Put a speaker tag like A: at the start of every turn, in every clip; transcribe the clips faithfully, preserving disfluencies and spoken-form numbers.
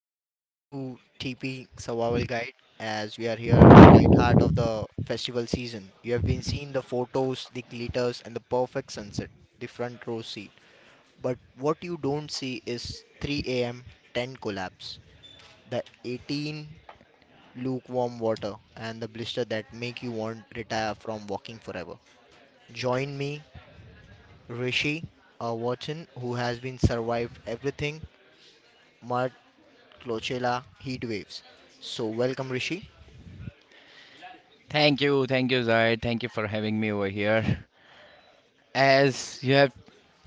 A: Welcome back to T P Survival Guide as we are here right heart of the festival season. You have been seeing the photos, the glitters and the perfect sunset, the front row seat. But what you don't see is three a m tent collapse, the eighteen lukewarm water and the blister that make you want retire from walking forever. Join me, Rishi uh, Watson, who has been survived everything, mud, Clochella, heat waves. So welcome Rishi.
B: Thank you, thank you, Zahid. Thank you for having me over here. As you have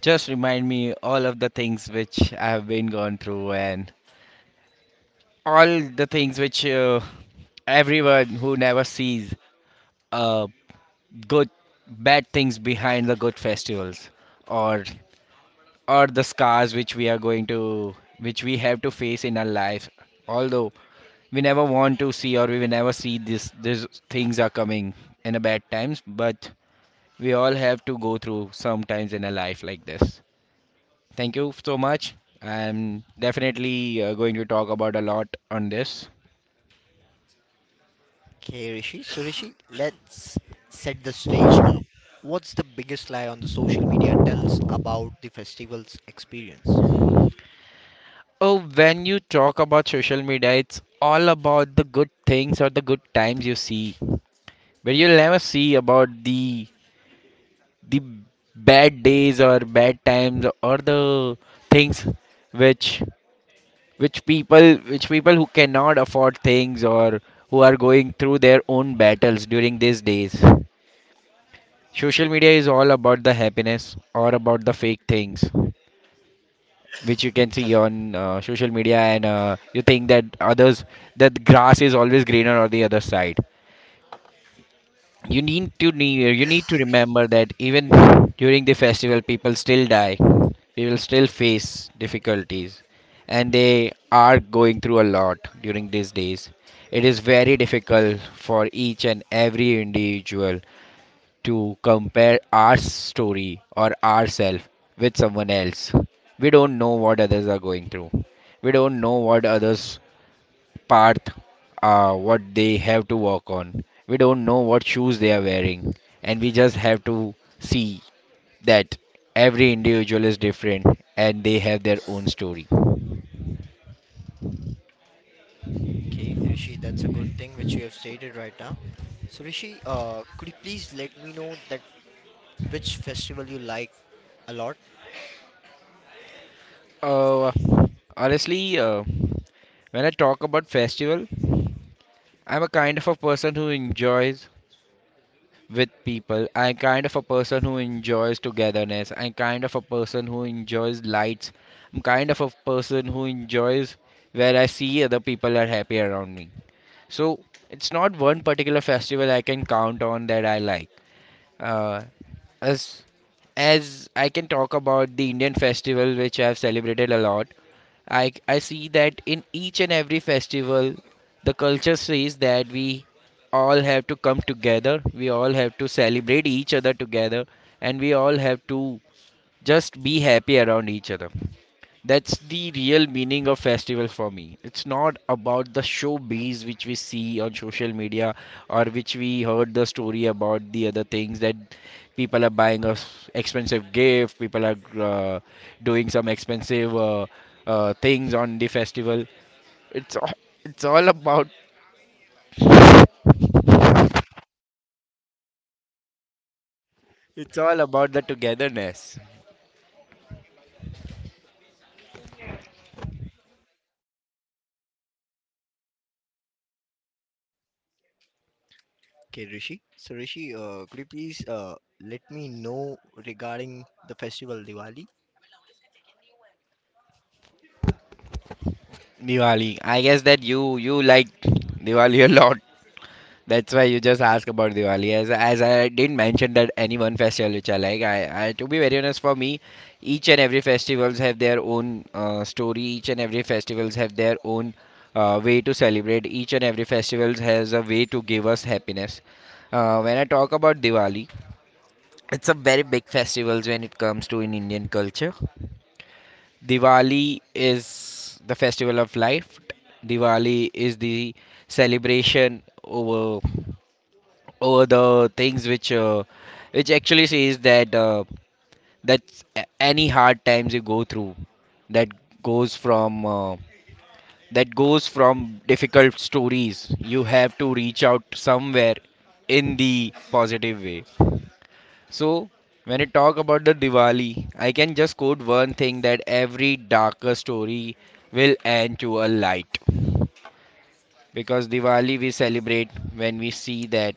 B: just reminded me all of the things which I have been gone through and all the things which uh, everyone who never sees uh, good bad things behind the good festivals or or the scars which we are going to which we have to face in our life, although we never want to see or we will never see this these things are coming in a bad times, but we all have to go through sometimes in a life like this. Thank you so much. I'm definitely uh, going to talk about a lot on this.
A: Okay, Rishi. So, Rishi, let's set the stage now. What's the biggest lie on the social media tells about the festival's experience?
B: Oh, when you talk about social media, it's all about the good things or the good times you see. But you'll never see about the the bad days or bad times or the things which which people which people who cannot afford things or who are going through their own battles during these days. Social media is all about the happiness or about the fake things which you can see on uh, social media, and uh, you think that others, that grass is always greener on the other side. You need to ne- you need to remember that even during the festival people still die. People still face difficulties and they are going through a lot during these days. It is very difficult for each and every individual to compare our story or ourselves with someone else. We don't know what others are going through. We don't know what others' path, uh, what they have to work on. We don't know what shoes they are wearing, and we just have to see that every individual is different and they have their own story.
A: Okay, Rishi, that's a good thing which you have stated right now. So, Rishi, uh, could you please let me know that which festival you like a lot?
B: Uh, honestly, uh, when I talk about festival, I'm a kind of a person who enjoys with people. I'm kind of a person who enjoys togetherness. I'm kind of a person who enjoys lights. I'm kind of a person who enjoys where I see other people are happy around me. So it's not one particular festival I can count on that I like. Uh, as as I can talk about the Indian festival, which I've celebrated a lot, I, I see that in each and every festival, the culture says that we all have to come together, we all have to celebrate each other together, and we all have to just be happy around each other. That's the real meaning of festival for me. It's not about the showbiz which we see on social media or which we heard the story about the other things, that people are buying us expensive gift, people are uh, doing some expensive uh, uh, things on the festival. It's all, it's all about it's all about the togetherness.
A: Okay, Rishi. So, Rishi, uh, could you please uh, let me know regarding the festival Diwali?
B: Diwali. I guess that you you like Diwali a lot. That's why you just ask about Diwali. As as I didn't mention that any one festival which I like. I, I to be very honest, for me, each and every festivals have their own uh, story. Each and every festivals have their own uh, way to celebrate. Each and every festivals has a way to give us happiness. Uh, when I talk about Diwali, it's a very big festivals when it comes to in Indian culture. Diwali is the festival of life. Diwali is the celebration over over the things which uh, which actually says that uh, that any hard times you go through, that goes from uh, that goes from difficult stories you have to reach out somewhere in the positive way. So when I talk about the Diwali, I can just quote one thing, that every darker story will end to a light, because Diwali we celebrate when we see that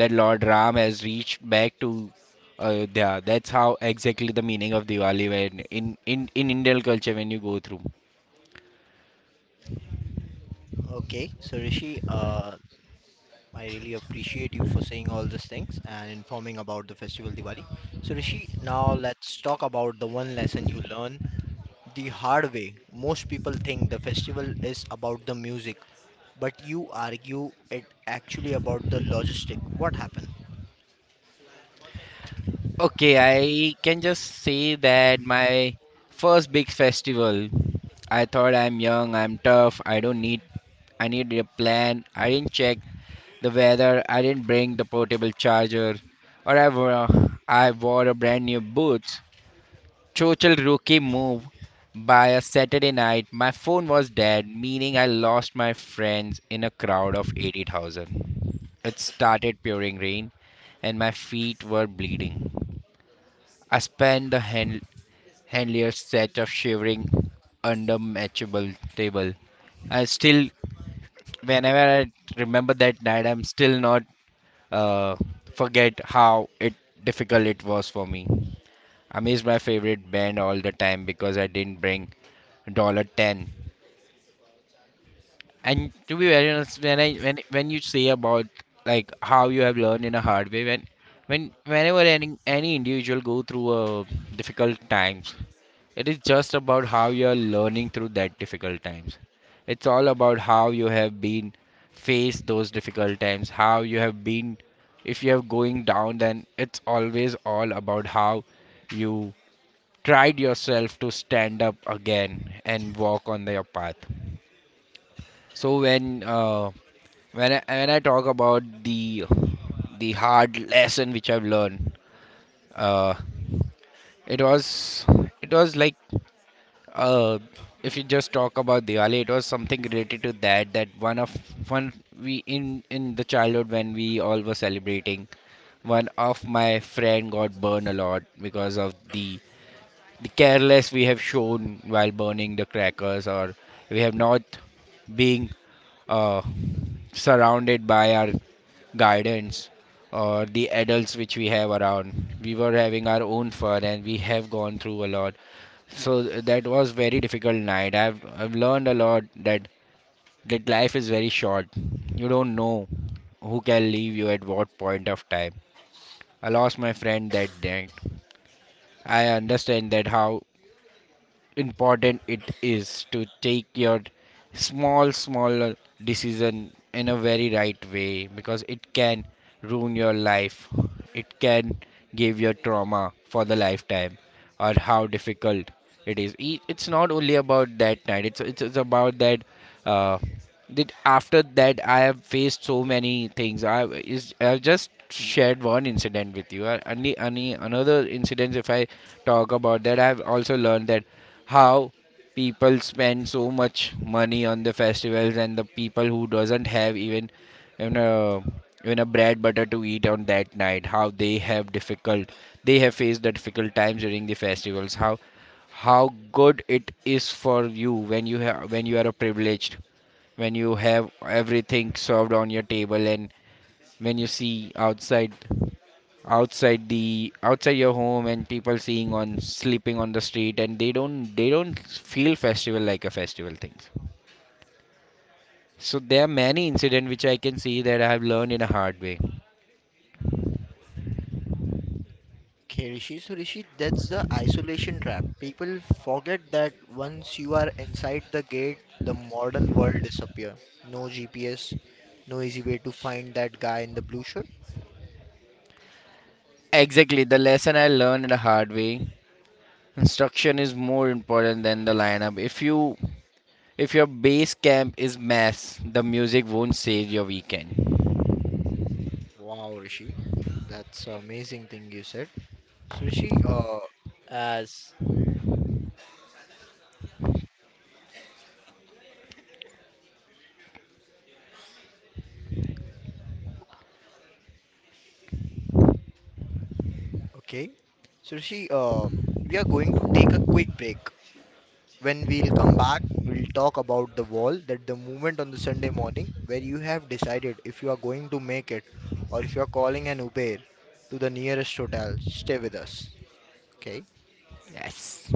B: that Lord Ram has reached back to Ayodhya. That's how exactly the meaning of Diwali when in, in, in Indian culture when you go through.
A: Okay, so Rishi, uh, I really appreciate you for saying all these things and informing about the festival Diwali. So, Rishi, now let's talk about the one lesson you learn the hard way. Most people think the festival is about the music, but you argue it actually about the logistic. What happened?
B: Okay, I can just say that my first big festival, I thought I'm young, I'm tough, I don't need I need a plan. I didn't check the weather, I didn't bring the portable charger, or I wore, I wore a brand new boots. Total rookie move. By a Saturday night, my phone was dead, meaning I lost my friends in a crowd of eighty thousand. It started pouring rain, and my feet were bleeding. I spent the hand- handlier set of shivering under matchable table. I still, whenever I remember that night, I'm still not uh, forget how it difficult it was for me. I miss my favorite band all the time because I didn't bring dollar ten. And to be very honest, when I when when you say about like how you have learned in a hard way, when when whenever any any individual go through a difficult times, it is just about how you are learning through that difficult times. It's all about how you have been faced those difficult times, how you have been. If you are going down, then it's always all about how you tried yourself to stand up again and walk on your path. So when uh, when I, when I talk about the the hard lesson which I've learned, uh, it was it was like uh, if you just talk about Diwali, it was something related to that. That one of one we in in the childhood when we all were celebrating, one of my friend got burned a lot because of the the careless we have shown while burning the crackers, or we have not being uh, surrounded by our guidance or the adults which we have around. We were having our own fun and we have gone through a lot. So that was very difficult night. I've i've learned a lot, that that life is very short. You don't know who can leave you at what point of time. I lost my friend that night. I understand that how important it is to take your small small decision in a very right way, because it can ruin your life, it can give your trauma for the lifetime, or how difficult it is. E- it's not only about that night. It's it's, it's about that uh that after that I have faced so many things. i is I just shared one incident with you. Uh, any any another incidents, if I talk about that, I've also learned that how people spend so much money on the festivals, and the people who doesn't have even even a even a bread butter to eat on that night, how they have difficult, they have faced the difficult times during the festivals, how how good it is for you when you have, when you are a privileged, when you have everything served on your table, and when you see outside outside the outside your home, and people seeing on sleeping on the street, and they don't they don't feel festival like a festival things. So there are many incidents which I can see that I have learned in a hard way.
A: Okay, Rishi. So, Rishi, that's the isolation trap. People forget that once you are inside the gate, the modern world disappears. No G P S, no easy way to find that guy in the blue shirt.
B: Exactly, the lesson I learned in a hard way. Instruction is more important than the lineup. If you if your base camp is mass, the music won't save your weekend.
A: Wow, Rishi, that's an amazing thing you said. So Rishi, uh, as okay, so Rishi, uh, we are going to take a quick break. When we'll come back, we'll talk about the wall that the movement on the Sunday morning where you have decided if you are going to make it or if you are calling an Uber to the nearest hotel. Stay with us, okay?
B: Yes.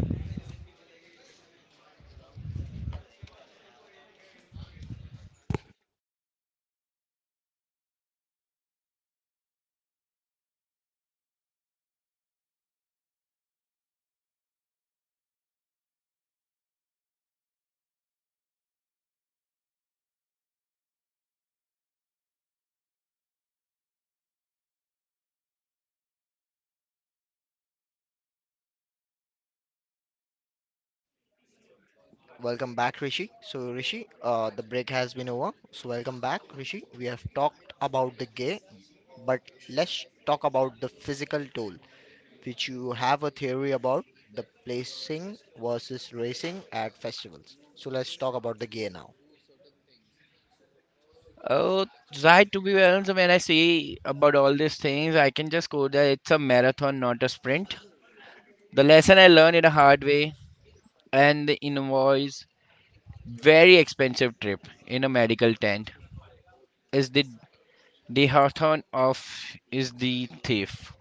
A: Welcome back, Rishi. So, Rishi, uh, the break has been over. So, welcome back, Rishi. We have talked about the gay, but let's talk about the physical toll, which you have a theory about the placing versus racing at festivals. So, let's talk about the gay now.
B: Oh, right. To be honest, when I see about all these things, I can just go that it's a marathon, not a sprint. The lesson I learned in a hard way, and the invoice, very expensive trip in a medical tent, is the dehathon of is the thief.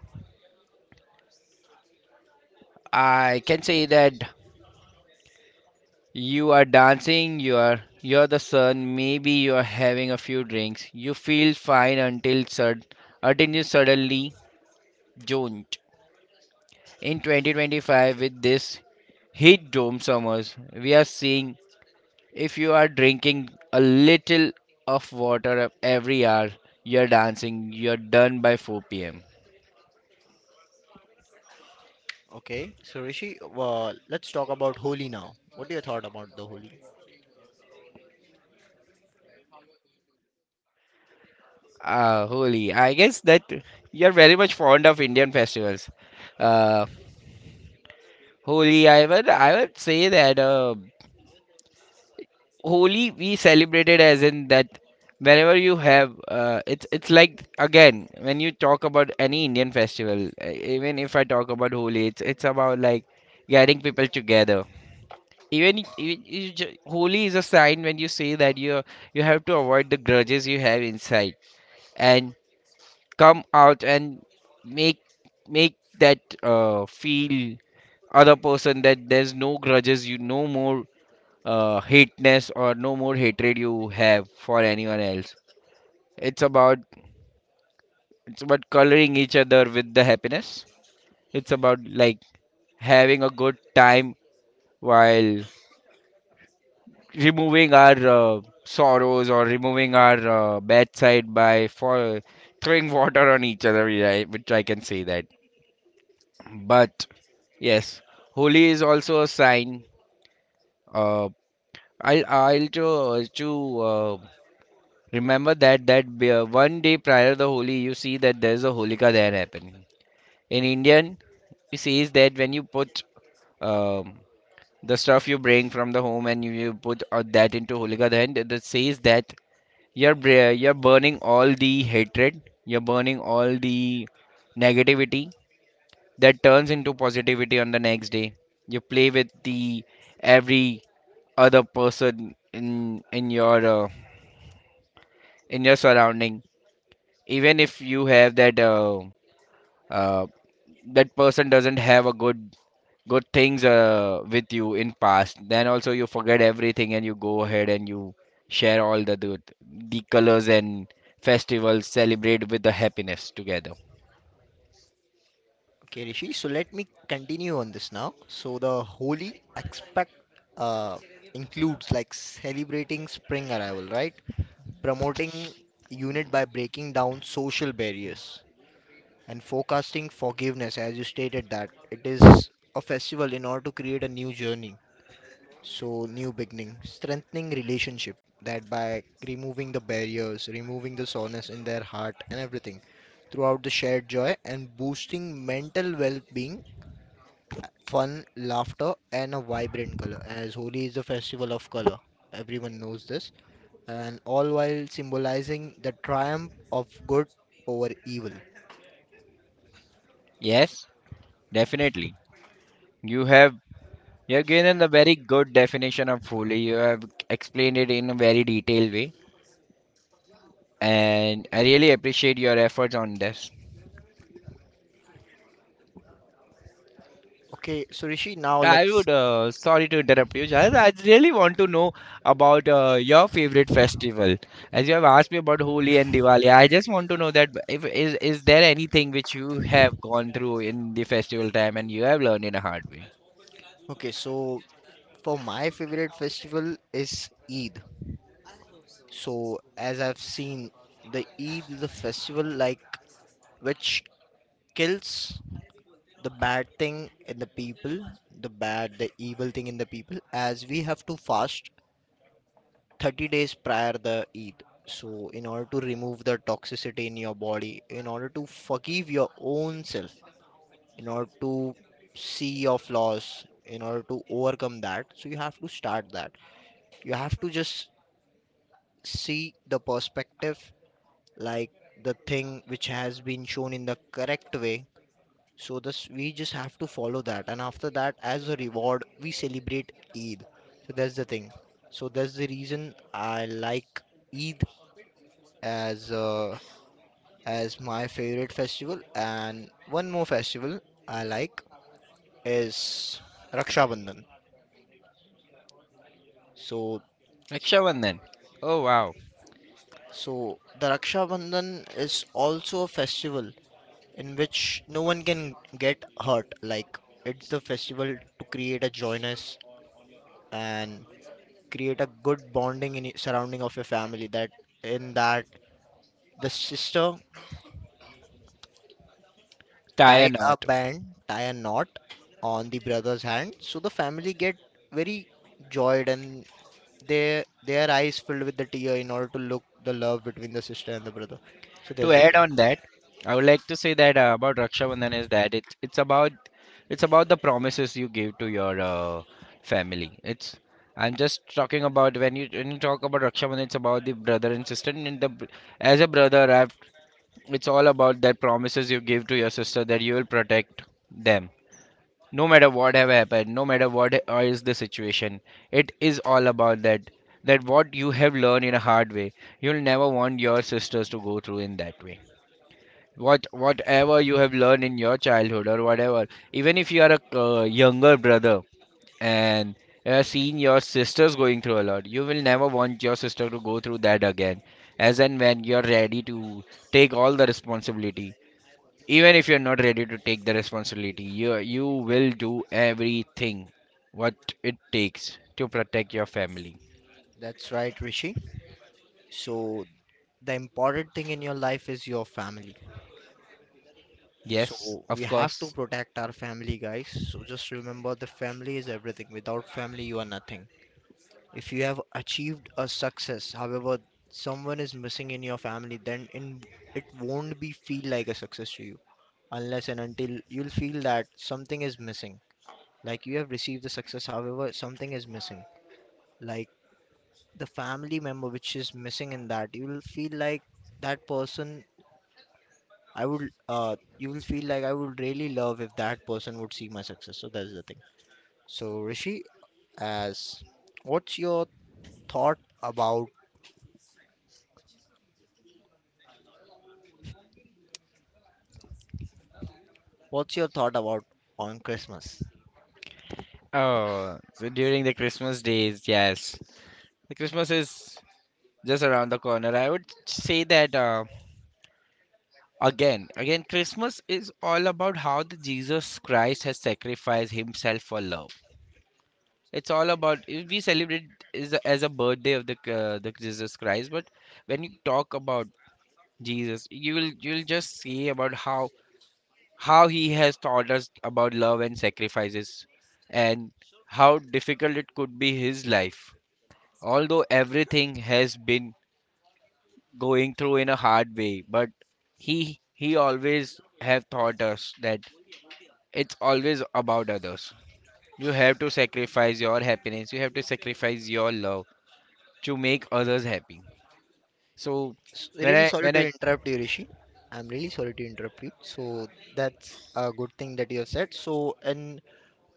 B: I can say that you are dancing, you are you're the sun, maybe you are having a few drinks. You feel fine until sud until you suddenly don't. In twenty twenty-five, with this Heat dome summers, we are seeing if you are drinking a little of water every hour, you're dancing, you're done by four p m.
A: Okay, so Rishi, uh, let's talk about Holi now. What do you thought about the Holi?
B: Ah, Holi. I guess that you're very much fond of Indian festivals. Uh, Holi, I would, I would say that uh, Holi we celebrated as in that whenever you have uh, it's it's like again when you talk about any Indian festival, uh, even if I talk about Holi, it's it's about like getting people together even even you ju- holy is a sign when you say that you you have to avoid the grudges you have inside and come out and make make that uh, feel other person that there's no grudges you no more uh, hateness or no more hatred you have for anyone else. It's about it's about coloring each other with the happiness. It's about like having a good time while removing our uh, sorrows or removing our uh, bedside by for throwing water on each other, yeah, I- which I can say that. But yes, holi is also a sign. uh, i'll i'll to, to uh, remember that that be- uh, one day prior the holi you see that there's a holika there happening in indian. It says that when you put um, the stuff you bring from the home and you, you put uh, that into holika, then it says that You're bra- you're burning all the hatred, you're burning all the negativity that turns into positivity on the next day. You play with the every other person in in your uh, in your surrounding. Even if you have that uh, uh, that person doesn't have a good good things uh, with you in past, then also you forget everything and you go ahead and you share all the the, the colors and festivals, celebrate with the happiness together.
A: Okay, Rishi, so let me continue on this now. So the holy aspect uh, includes like celebrating spring arrival, right? Promoting unit by breaking down social barriers and forecasting forgiveness, as you stated that it is a festival in order to create a new journey. So new beginning, strengthening relationship that by removing the barriers, removing the soreness in their heart and everything throughout the shared joy and boosting mental well-being, fun, laughter, and a vibrant color, as Holi is the festival of color. Everyone knows this. And all while symbolizing the triumph of good over evil.
B: Yes, definitely. You have you have given a very good definition of Holi. You have explained it in a very detailed way, and I really appreciate your efforts on this.
A: Okay, so Rishi, now
B: I
A: let's.
B: would, uh, sorry to interrupt you, Jaz. I really want to know about uh, your favorite festival. As you have asked me about Holi and Diwali, I just want to know that if is is there anything which you have gone through in the festival time and you have learned in a hard way?
A: Okay, so for my favorite festival is Eid. So, as I've seen, the Eid is a festival like which kills the bad thing in the people, the bad, the evil thing in the people, as we have to fast thirty days prior the Eid. So in order to remove the toxicity in your body, in order to forgive your own self, in order to see your flaws, in order to overcome that, so you have to start that. You have to just see the perspective like the thing which has been shown in the correct way. So this we just have to follow that and after that as a reward we celebrate Eid. So that's the thing. So that's the reason I like Eid as uh, as my favorite festival. And one more festival I like is Raksha Bandhan. So
B: Raksha Bandhan. Oh wow,
A: so the Raksha Bandhan is also a festival in which no one can get hurt. Like it's the festival to create a joyness and create a good bonding in surrounding of your family. That in that the sister
B: tie a
A: tied a
B: knot.
A: band, tie a knot on the brother's hand. So the family get very joyed and their their eyes filled with the tear in order to look the love between the sister and the brother. So
B: To
A: that's the
B: add
A: thing.
B: on that, I would like to say that uh, about Raksha Bandhan is that it's it's about it's about the promises you give to your uh, family. It's, I'm just talking about when you when you talk about Raksha Bandhan, it's about the brother and sister. And the br- as a brother, I've, it's all about that promises you give to your sister that you will protect them no matter what have happened, no matter what i- is the situation. It is all about that that what you have learned in a hard way. You'll never want your sisters to go through in that way, what whatever you have learned in your childhood or whatever, even if you are a uh, younger brother and uh, seeing your sisters going through a lot, you will never want your sister to go through that again, as and when you're ready to take all the responsibility. Even if you're not ready to take the responsibility, you you will do everything what it takes to protect your family.
A: That's right, Rishi. So the important thing in your life is your family.
B: Yes,
A: So we
B: of
A: have to
B: course.
A: protect our family, guys. So just remember the family is everything. Without family, you are nothing. If you have achieved a success, however, someone is missing in your family, then in, it won't be feel like a success to you unless and until you'll feel that something is missing. Like you have received the success, however, something is missing. Like the family member which is missing in that, you will feel like that person. I would, uh, you will feel like I would really love if that person would see my success. So that's the thing. So Rishi, as what's your thought about? What's your thought about on Christmas?
B: Oh, so during the christmas days, yes, the christmas is just around the corner. I would say that uh, again, again, Christmas is all about how the Jesus Christ has sacrificed Himself for love. It's all about we celebrate is a- as a birthday of the uh, the Jesus Christ, but when you talk about Jesus, you will you will just see about how how He has taught us about love and sacrifices, and how difficult it could be His life. Although everything has been going through in a hard way, but he he always have taught us that it's always about others. You have to sacrifice your happiness, you have to sacrifice your love to make others happy. So
A: S-
B: when
A: Really
B: i
A: sorry
B: when
A: to
B: I
A: interrupt you, Rishi. I'm really sorry to interrupt you. So that's a good thing that you have said. So in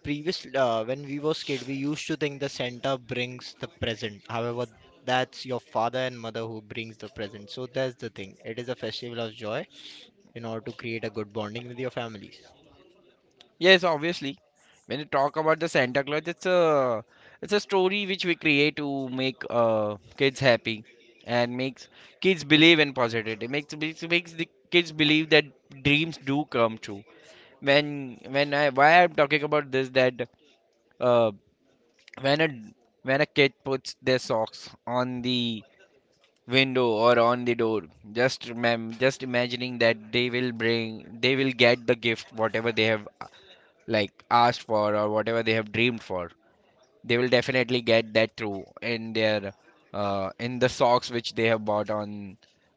A: previous, uh, when we was kid, we used to think the Santa brings the present. However, that's your father and mother who brings the present. So that's the thing. It is a festival of joy in order to create a good bonding with your families.
B: yes obviously when you talk about the santa claus, it's a it's a story which we create to make uh, kids happy, and makes kids believe in positivity, makes makes makes the kids believe that dreams do come true. When when I, why I'm talking about this, that uh when a when a kid puts their socks on the window or on the door, just remem just imagining that they will bring they will get the gift whatever they have like asked for or whatever they have dreamed for, they will definitely get that through in their uh in the socks which they have bought on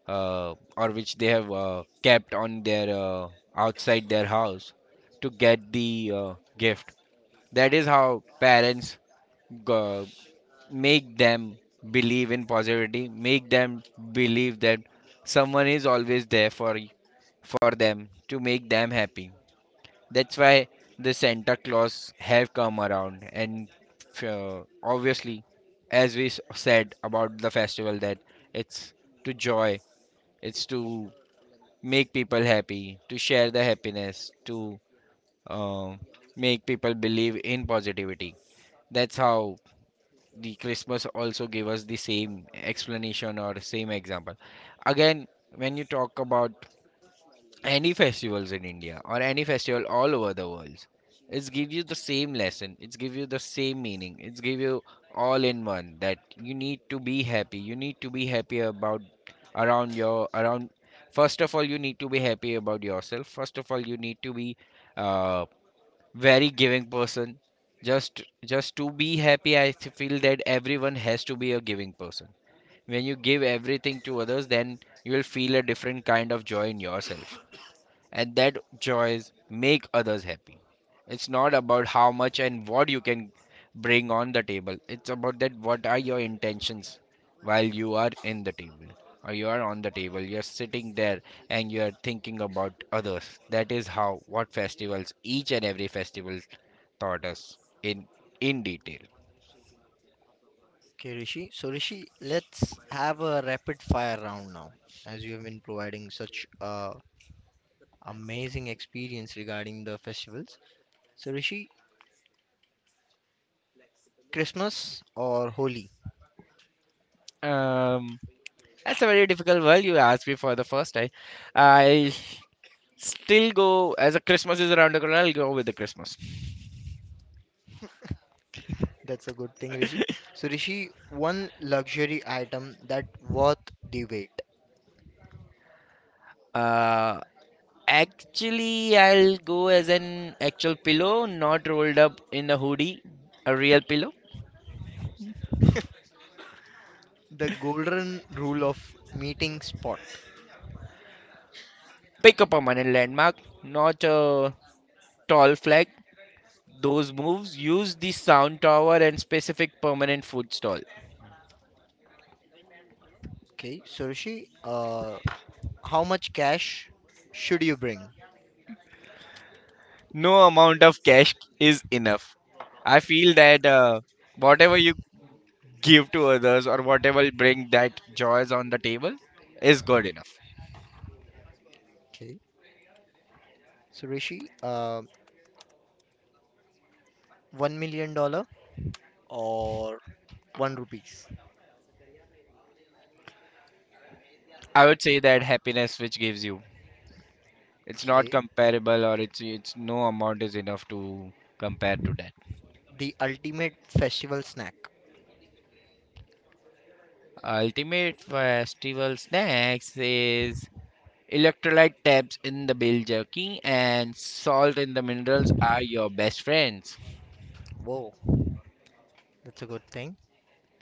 B: uh or which they have uh, kept on their uh, outside their house to get the uh, gift. That is how parents go, make them believe in positivity, make them believe that someone is always there for y- for them to make them happy. That's why the Santa Claus have come around, and uh, obviously, as we s- said about the festival, that it's to joy, it's to make people happy, to share the happiness, to um, make people believe in positivity. That's how the Christmas also gave us the same explanation or same example. Again, when you talk about any festivals in India or any festival all over the world, it's give you the same lesson. It's give you the same meaning. It's give you all in one that you need to be happy. You need to be happy about around your around. First of all, you need to be happy about yourself. First of all, you need to be uh, very giving person. Just just to be happy, i th- feel that everyone has to be a giving person. When you give everything to others, then you will feel a different kind of joy in yourself, and that joys make others happy. It's not about how much and what you can bring on the table, it's about that what are your intentions while you are in the table or you are on the table, you're sitting there and you are thinking about others. That is how what festivals, each and every festival taught us in in detail.
A: Okay, Rishi. So Rishi, let's have a rapid fire round now, as you have been providing such uh amazing experience regarding the festivals. So, Rishi, Christmas or Holi?
B: Um, that's a very difficult world you asked me for the first time. I still go as a Christmas is around the corner. I'll go with the Christmas.
A: That's a good thing, Rishi. So, Rishi, one luxury item that worth the wait.
B: Uh, actually, I'll go as an actual pillow, not rolled up in a hoodie, a real pillow.
A: The golden rule of meeting spot.
B: Pick a permanent landmark, not a tall flag. Those moves use the sound tower and specific permanent food stall.
A: Okay, so Rishi, uh, how much cash should you bring?
B: No amount of cash is enough. I feel that uh, whatever you give to others or whatever bring that joys on the table is good enough.
A: Okay, so Rishi, uh, one million dollar or one rupees.
B: I would say that happiness which gives you, it's not
A: Okay,
B: comparable, or it's it's no amount is enough to compare to that.
A: the ultimate festival snack.
B: Ultimate festival snacks is electrolyte tabs in the bill jerky and salt in the minerals are your best friends.
A: Whoa, that's a good thing.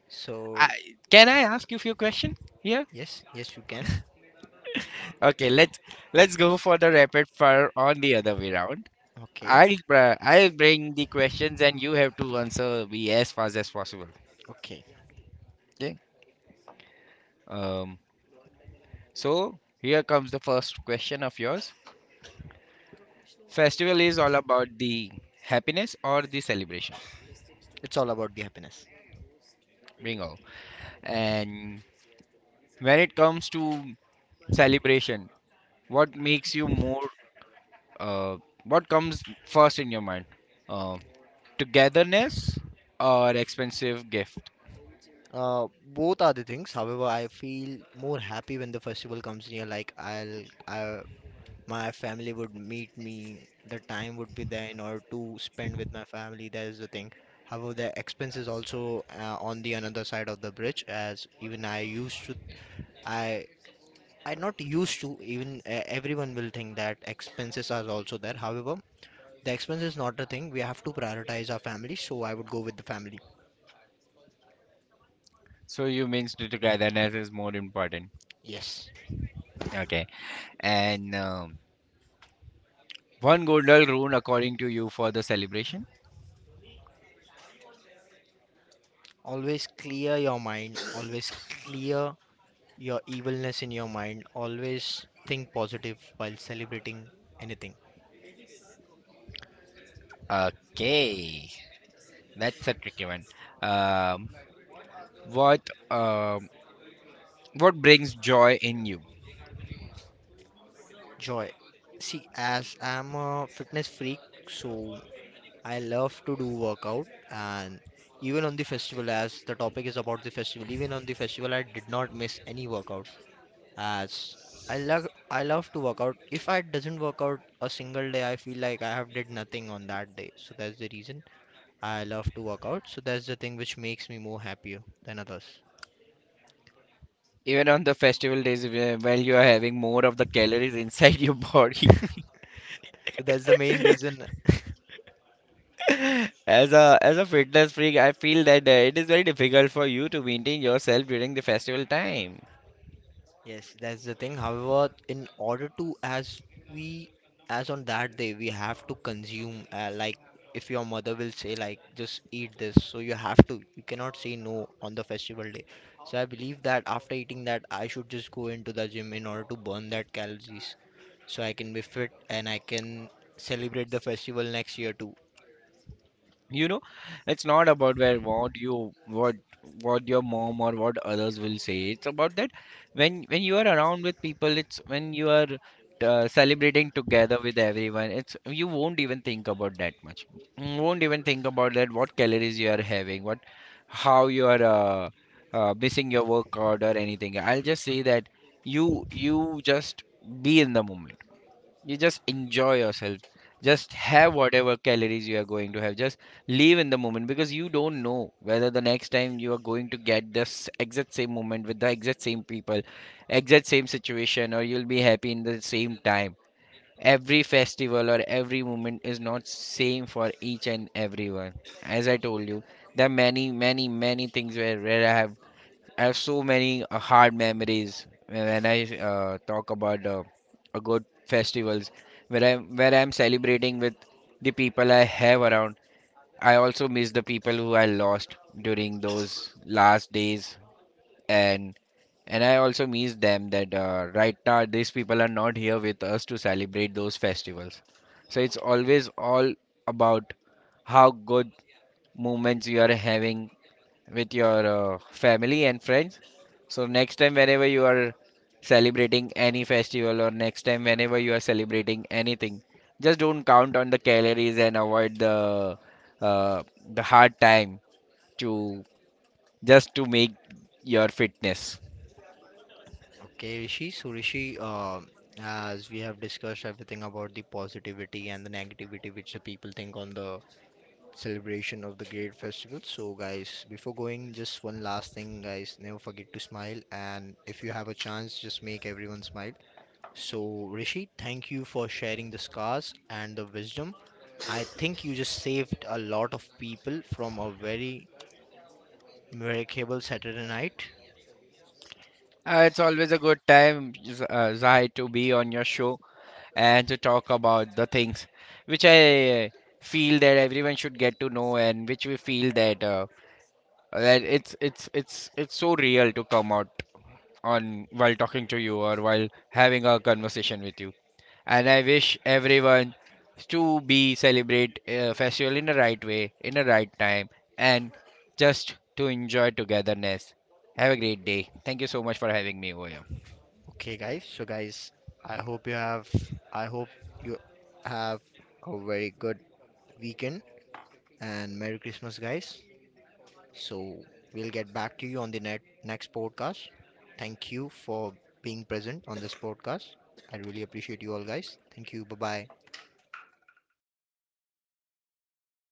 A: So
B: I, can I ask you few questions here?
A: yes, yes, you can.
B: Okay, let's let's go for the rapid fire on the other way round.
A: Okay,
B: I'll br- I'll bring the questions and you have to answer me as fast as possible.
A: okay.
B: Okay. Um. So here comes the first question of yours. Festival is all about the happiness or the celebration.
A: It's all about the happiness.
B: Bingo. And when it comes to celebration, what makes you more? Uh, what comes first in your mind? Uh, togetherness or expensive gift?
A: Uh, both are the things. However, I feel more happy when the festival comes near. Like I'll, I, my family would meet me. The time would be there in order to spend with my family. That is the thing. However, the expense is also uh, on the another side of the bridge. As even I used to, I, I not used to. Even uh, Everyone will think that expenses are also there. However, the expense is not a thing. We have to prioritize our family, so I would go with the family.
B: So you means the togetherness is more important.
A: Yes.
B: Okay. And um, one golden rule according to you for the celebration?
A: Always clear your mind. Always clear your evilness in your mind. Always think positive while celebrating anything.
B: Okay. That's a tricky one. Um, what um, what brings joy in you?
A: Joy. See, as I'm a fitness freak, so I love to do workout and even on the festival as the topic is about the festival even on the festival I did not miss any workout as I love I love to work out. If I doesn't work out a single day, I feel like I have did nothing on that day. So that's the reason I love to work out. So that's the thing which makes me more happier than others.
B: Even on the festival days where- while you are having more of the calories inside your body.
A: So that's the main reason.
B: As a as a fitness freak, I feel that uh, it is very difficult for you to maintain yourself during the festival time.
A: Yes, that's the thing. However, in order to as we as on that day we have to consume uh, like if your mother will say like just eat this so you have to you cannot say no on the festival day, so I believe that after eating that I should just go into the gym in order to burn that calories so I can be fit and I can celebrate the festival next year too.
B: You know, it's not about where what you what what your mom or what others will say. It's about that when when you are around with people, it's when you are uh, celebrating together with everyone, it's you won't even think about that much. You won't even think about that what calories you are having, what how you are uh, uh, missing your workout or anything. I'll just say that you you just be in the moment, you just enjoy yourself, just have whatever calories you are going to have, just live in the moment, because you don't know whether the next time you are going to get this exact same moment with the exact same people, exact same situation, or you'll be happy in the same time. Every festival or every moment is not same for each and everyone. As I told you, there are many many many things where, where I have, I have so many uh, hard memories when I uh, talk about uh, a good festivals where I'm where I'm celebrating with the people I have around. I also miss the people who I lost during those last days, and and I also miss them that uh, right now these people are not here with us to celebrate those festivals. So it's always all about how good moments you are having with your uh, family and friends. So next time whenever you are celebrating any festival or next time whenever you are celebrating anything, just don't count on the calories and avoid the uh, the hard time to just to make your fitness.
A: Okay Rishi, so Rishi, um as we have discussed everything about the positivity and the negativity which the people think on the celebration of the great festival. So, guys, before going, just one last thing, guys, never forget to smile. And if you have a chance, just make everyone smile. So, Rishi, thank you for sharing the scars and the wisdom. I think you just saved a lot of people from a very memorable Saturday night.
B: Uh, it's always a good time, Z- uh, Zai, to be on your show and to talk about the things which I feel that everyone should get to know and which we feel that uh, that it's it's it's it's so real to come out on while talking to you or while having a conversation with you. And I wish everyone to be celebrate uh, festival in the right way in the right time, and just to enjoy togetherness. Have a great day, thank you so much for having me over here.
A: Okay, guys. So, guys, I hope you have, I hope you have a very good weekend and Merry Christmas, guys. So we'll get back to you on the net, next podcast. Thank you for being present on this podcast. I really appreciate you all guys. Thank you. Bye bye.